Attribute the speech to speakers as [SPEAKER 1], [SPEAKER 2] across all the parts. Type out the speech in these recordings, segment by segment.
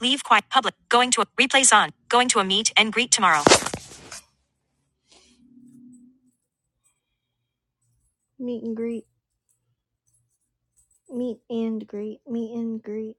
[SPEAKER 1] Leave quiet. Public. Going to a replace on. Going to a meet and greet tomorrow. Meet and greet. Meet and greet. Meet and greet.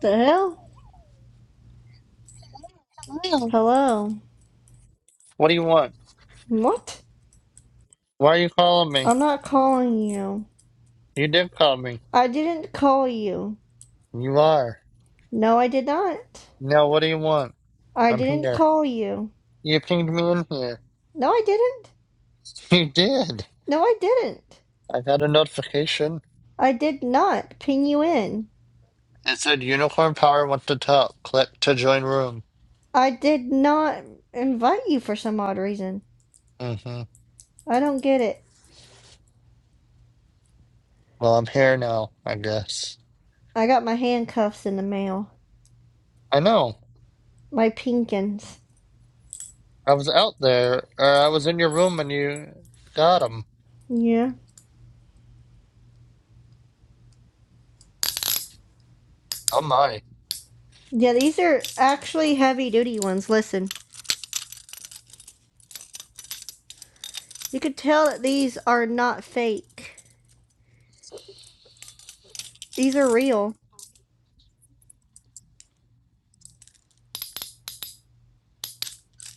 [SPEAKER 1] The hell?
[SPEAKER 2] Lil,
[SPEAKER 1] Hello.
[SPEAKER 2] What do you want?
[SPEAKER 1] What?
[SPEAKER 2] Why are you calling me?
[SPEAKER 1] I'm not calling you.
[SPEAKER 2] You did call me.
[SPEAKER 1] I didn't call you.
[SPEAKER 2] You are.
[SPEAKER 1] No, I did not.
[SPEAKER 2] Now what do you want?
[SPEAKER 1] I
[SPEAKER 2] I'm
[SPEAKER 1] didn't
[SPEAKER 2] here.
[SPEAKER 1] call you.
[SPEAKER 2] You pinged me in here.
[SPEAKER 1] No, I didn't.
[SPEAKER 2] You did.
[SPEAKER 1] No, I didn't.
[SPEAKER 2] I got a notification.
[SPEAKER 1] I did not ping you in.
[SPEAKER 2] It said Unicorn Power wants to talk. Click to join room.
[SPEAKER 1] I did not invite you for some odd reason.
[SPEAKER 2] Mm-hmm.
[SPEAKER 1] I don't get it.
[SPEAKER 2] Well, I'm here now, I guess.
[SPEAKER 1] I got my handcuffs in the mail.
[SPEAKER 2] I know.
[SPEAKER 1] My pinkins.
[SPEAKER 2] I was out there, or I was in your room and you got him.
[SPEAKER 1] Yeah.
[SPEAKER 2] Oh my.
[SPEAKER 1] Yeah, these are actually heavy duty ones. Listen, you could tell that these are not fake. These are real.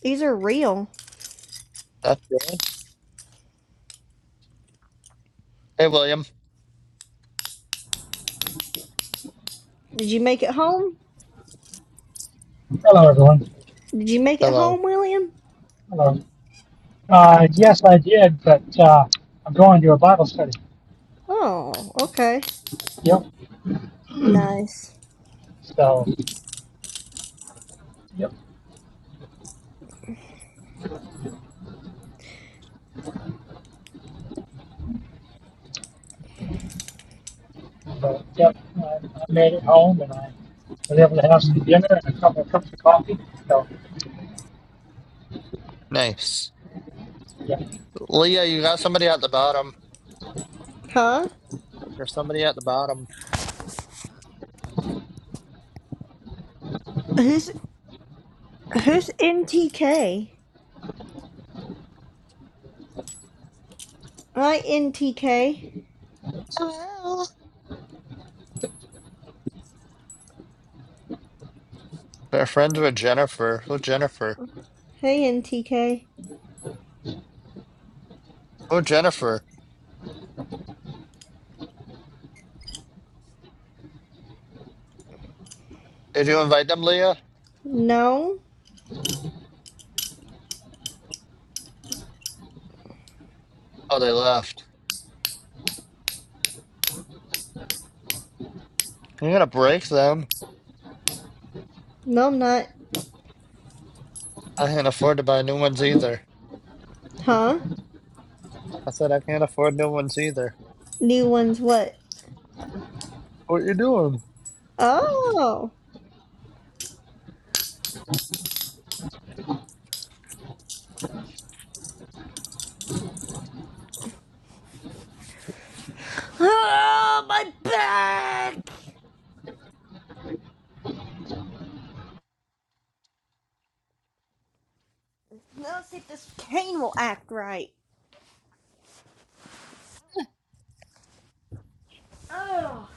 [SPEAKER 1] These are real.
[SPEAKER 2] That's good. Hey, William.
[SPEAKER 1] Did you make it home?
[SPEAKER 3] Hello, everyone.
[SPEAKER 1] Did you make it
[SPEAKER 2] Hello.
[SPEAKER 1] home, William?
[SPEAKER 3] Hello. Uh, yes, I did, but uh, I'm going to a Bible study.
[SPEAKER 1] Oh, okay.
[SPEAKER 3] Yep.
[SPEAKER 1] Nice.
[SPEAKER 3] So, yep. But, yep. I, I made it home and I was able to have some dinner and a couple of cups of coffee. So,
[SPEAKER 2] Nice.
[SPEAKER 3] yeah.
[SPEAKER 2] Leah, you got somebody at the bottom.
[SPEAKER 1] Huh?
[SPEAKER 2] There's somebody at the bottom.
[SPEAKER 1] Who's who's NTK? I NTK.
[SPEAKER 2] Hello. They're friends with Jennifer. Who Jennifer?
[SPEAKER 1] Hey NTK.
[SPEAKER 2] Who Jennifer? Did you invite them, Leah?
[SPEAKER 1] No,
[SPEAKER 2] Oh, they left. You're gonna break them.
[SPEAKER 1] no, I'm not.
[SPEAKER 2] I can't afford to buy new ones either.
[SPEAKER 1] Huh?
[SPEAKER 2] I said I can't afford new ones either.
[SPEAKER 1] New one's what?
[SPEAKER 2] What you doing?
[SPEAKER 1] Oh. Oh, my back! Let's see if this cane will act right. Oh.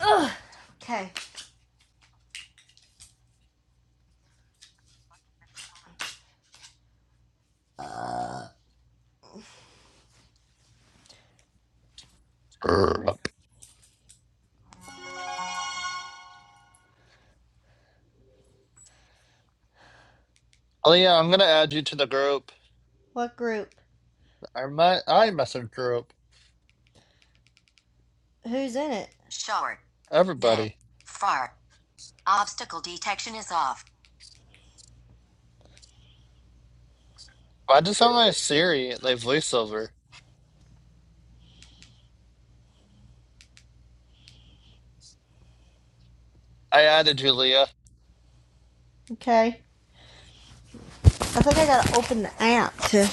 [SPEAKER 1] Ugh. Okay.
[SPEAKER 2] Grr. Leah, I'm gonna add you to the group.
[SPEAKER 1] What group?
[SPEAKER 2] Our my iMessage group.
[SPEAKER 1] Who's in it? Short. Mid.
[SPEAKER 2] Everybody.
[SPEAKER 1] Far. Obstacle detection is off.
[SPEAKER 2] Why does sound like Siri like voiceover? I added you, Leah.
[SPEAKER 1] Okay. I think I gotta open the app to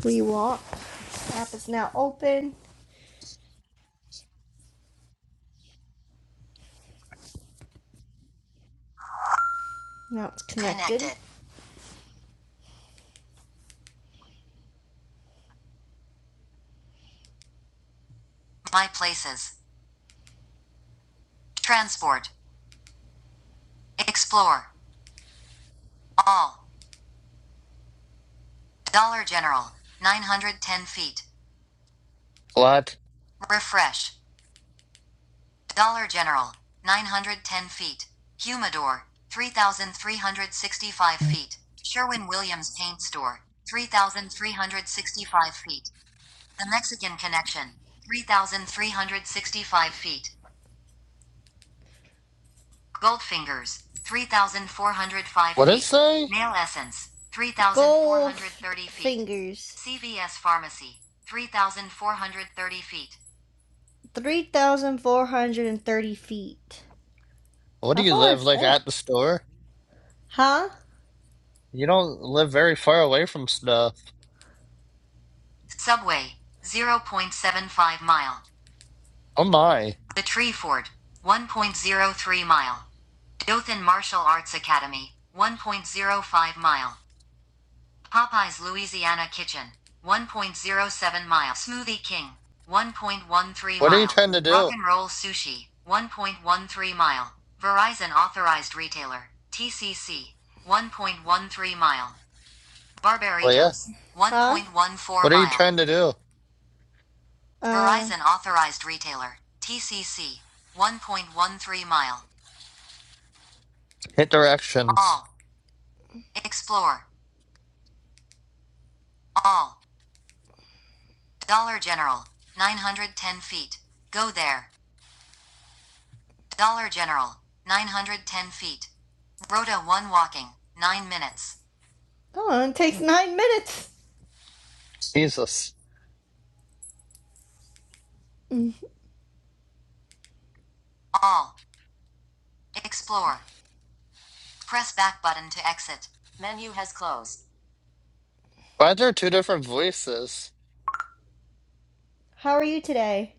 [SPEAKER 1] rewalk. The App is now open. Now it's connected. Connected. My places. Transport. Explore. All. Dollar General. 910 feet.
[SPEAKER 2] What?
[SPEAKER 1] Refresh. Dollar General, 910 feet. Humidor, 3,365 feet. Sherwin Williams Paint Store, 3,365 feet. The Mexican Connection, 3,365 feet. Goldfingers, 3,405
[SPEAKER 2] What did it
[SPEAKER 1] feet.
[SPEAKER 2] say?
[SPEAKER 1] Nail Essence, 3,430 feet. fingers. CVS Pharmacy, 3,430 feet. 3,430 feet.
[SPEAKER 2] What
[SPEAKER 1] How
[SPEAKER 2] do you
[SPEAKER 1] far
[SPEAKER 2] live
[SPEAKER 1] is
[SPEAKER 2] like
[SPEAKER 1] that?
[SPEAKER 2] at the store?
[SPEAKER 1] Huh?
[SPEAKER 2] You don't live very far away from stuff.
[SPEAKER 1] Subway, 0.75 mile.
[SPEAKER 2] Oh my.
[SPEAKER 1] The Tree Fort, 1.03 mile. Dothan Martial Arts Academy, 1.05 mile. Popeye's Louisiana Kitchen, 1.07 mile. Smoothie King, 1.13
[SPEAKER 2] What are you
[SPEAKER 1] mile.
[SPEAKER 2] trying to
[SPEAKER 1] Rock
[SPEAKER 2] do,
[SPEAKER 1] and Roll Sushi, 1.13 mile. Verizon Authorized Retailer, TCC, 1.13 mile.
[SPEAKER 2] Leah?
[SPEAKER 1] Barbaritos, 1.14
[SPEAKER 2] What are you
[SPEAKER 1] mile.
[SPEAKER 2] trying to do?
[SPEAKER 1] Uh, Verizon authorized retailer. TCC. 1.13 mile.
[SPEAKER 2] Hit directions.
[SPEAKER 1] All. Explore. All. Dollar General. 910 feet. Go there. Dollar General. 910 feet. Rota 1 walking. 9 minutes. come on, it takes nine minutes.
[SPEAKER 2] Jesus.
[SPEAKER 1] All. Explore. Press back button to exit. Menu has closed.
[SPEAKER 2] Why are there two different voices?
[SPEAKER 1] How are you today?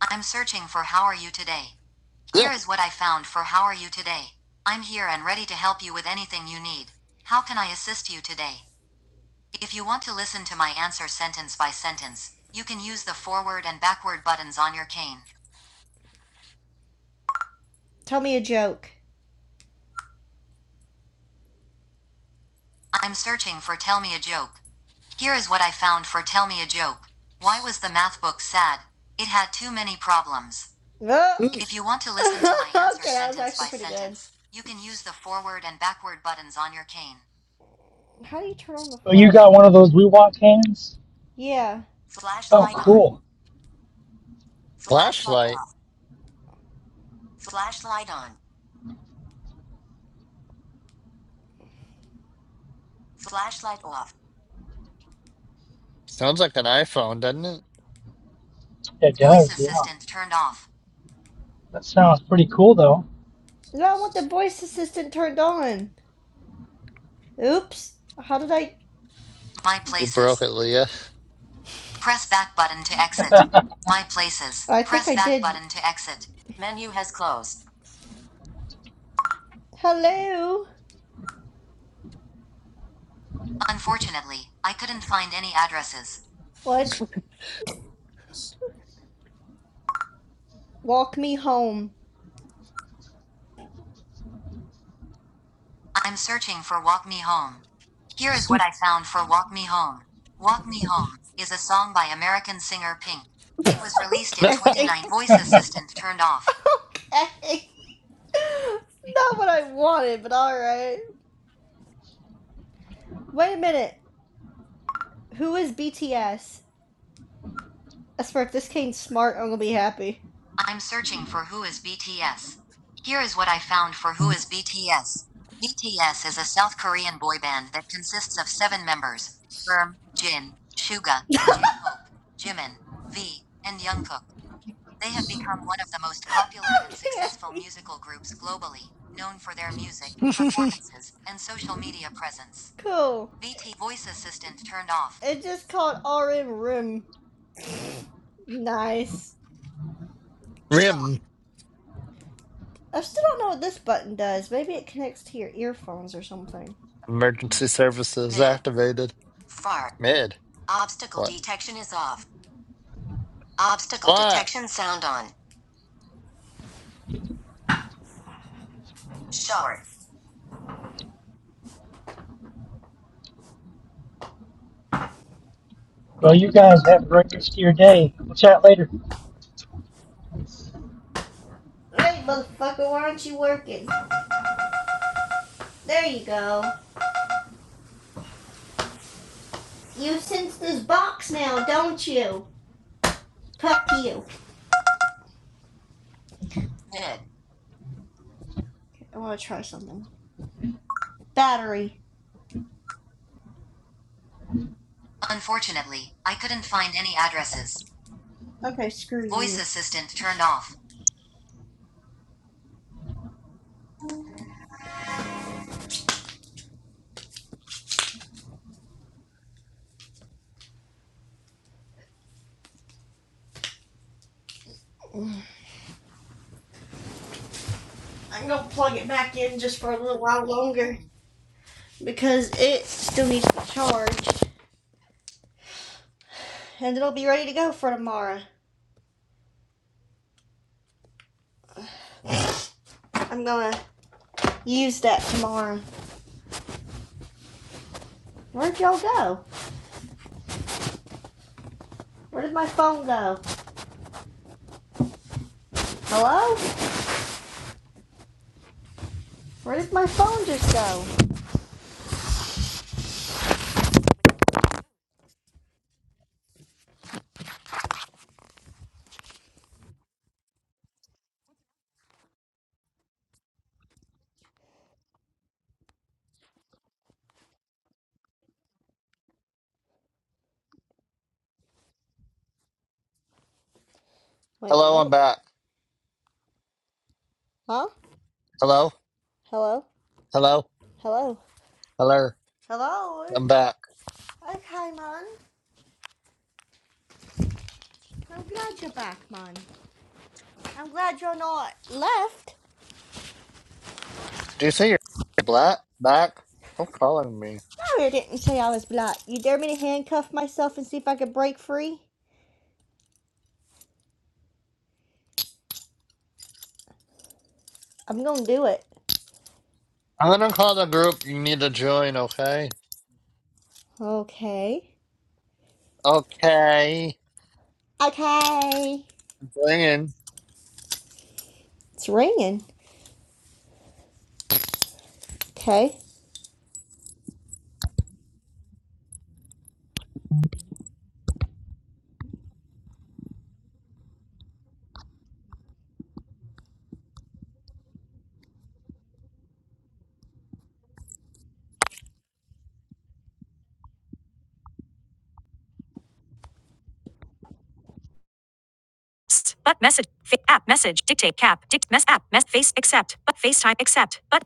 [SPEAKER 1] I'm searching for how are you today. Here
[SPEAKER 2] Ugh.
[SPEAKER 1] is what I found for how are you today. I'm here and ready to help you with anything you need. How can I assist you today? If you want to listen to my answer sentence by sentence, you can use the forward and backward buttons on your cane. Tell me a joke. I'm searching for Tell Me a Joke. Here is what I found for Tell Me a Joke. Why was the math book sad? It had too many problems.
[SPEAKER 2] Mm.
[SPEAKER 1] If you want to listen to my answer Okay, sentence by actually good. sentence, you can use the forward and backward buttons on your cane. How do you turn on the
[SPEAKER 3] Oh, you got one
[SPEAKER 1] flashlight
[SPEAKER 3] of those We
[SPEAKER 1] again?
[SPEAKER 3] Walk hands?
[SPEAKER 1] Yeah.
[SPEAKER 3] Oh,
[SPEAKER 1] Flashlight on.
[SPEAKER 3] cool.
[SPEAKER 1] Flashlight
[SPEAKER 2] Flashlight.
[SPEAKER 1] off. Flashlight on. Flashlight off.
[SPEAKER 2] Sounds like an iPhone, doesn't it?
[SPEAKER 3] It
[SPEAKER 1] Voice
[SPEAKER 3] does, yeah.
[SPEAKER 1] assistant turned off.
[SPEAKER 3] That sounds pretty cool, though.
[SPEAKER 1] No, I want the voice assistant turned on. Oops. How did I? My
[SPEAKER 2] You
[SPEAKER 1] places.
[SPEAKER 2] broke it, Leah.
[SPEAKER 1] Press back button to exit. My places. I think Press think I back did. button to exit. Menu has closed. Hello. Unfortunately, I couldn't find any addresses. What? Walk me home. I'm searching for Walk Me Home. Here is what I found for Walk Me Home. Walk Me Home is a song by American singer Pink. It was released in 29. Voice assistant turned off. not what I wanted, but all right. Wait a minute. Who is BTS? As for if this Kane's smart, I'm gonna be happy. I'm searching for who is BTS. Here is what I found for who is BTS. BTS is a South Korean boy band that consists of seven members: Firm, Jin, Suga, J-Hope, Jimin, V, and Jungkook. They have become one of the most popular and successful musical groups globally, known for their music, performances, and social media presence. Cool. BT voice assistant turned off. It just called RM Rim. Nice. Shown.
[SPEAKER 2] RIM.
[SPEAKER 1] I still don't know what this button does. Maybe it connects to your earphones or something.
[SPEAKER 2] Emergency services
[SPEAKER 1] Mid.
[SPEAKER 2] activated.
[SPEAKER 1] Far.
[SPEAKER 2] Mid.
[SPEAKER 1] Obstacle
[SPEAKER 2] What?
[SPEAKER 1] detection is off. Obstacle
[SPEAKER 2] What?
[SPEAKER 1] detection sound on. Short.
[SPEAKER 3] Well, you guys have a great rest of your day. We'll chat later.
[SPEAKER 1] Hey, motherfucker, why aren't you working? There you go. You sense this box now, don't you? Fuck you. Mid. Okay, I want to try something. Battery. Unfortunately, I couldn't find any addresses. Okay, screw you. Voice assistant turned off. I'm gonna plug it back in just for a little while longer. because it still needs to be charged and it'll be ready to go for tomorrow. I'm gonna use that tomorrow. Where'd y'all go? Where did my phone go? Hello? Where did my phone just go? Wait,
[SPEAKER 2] Hello, I'm
[SPEAKER 1] what?
[SPEAKER 2] back.
[SPEAKER 1] Huh?
[SPEAKER 2] Hello?
[SPEAKER 1] Hello?
[SPEAKER 2] Hello?
[SPEAKER 1] Hello?
[SPEAKER 2] Hello?
[SPEAKER 1] Hello?
[SPEAKER 2] I'm back.
[SPEAKER 1] Okay, man. I'm glad you're back, man. I'm glad you're not left.
[SPEAKER 2] Do you say you're black? Back? Stop calling me.
[SPEAKER 1] No, you didn't say I was black. You dare me to handcuff myself and see if I could break free? I'm gonna do it.
[SPEAKER 2] I'm gonna call the group you need to join, okay?
[SPEAKER 1] Okay.
[SPEAKER 2] Okay.
[SPEAKER 1] Okay.
[SPEAKER 2] Go in.
[SPEAKER 1] It's ringing. Okay. But message. app message. Dictate cap. Dict mess app. Mess face accept. But FaceTime accept. But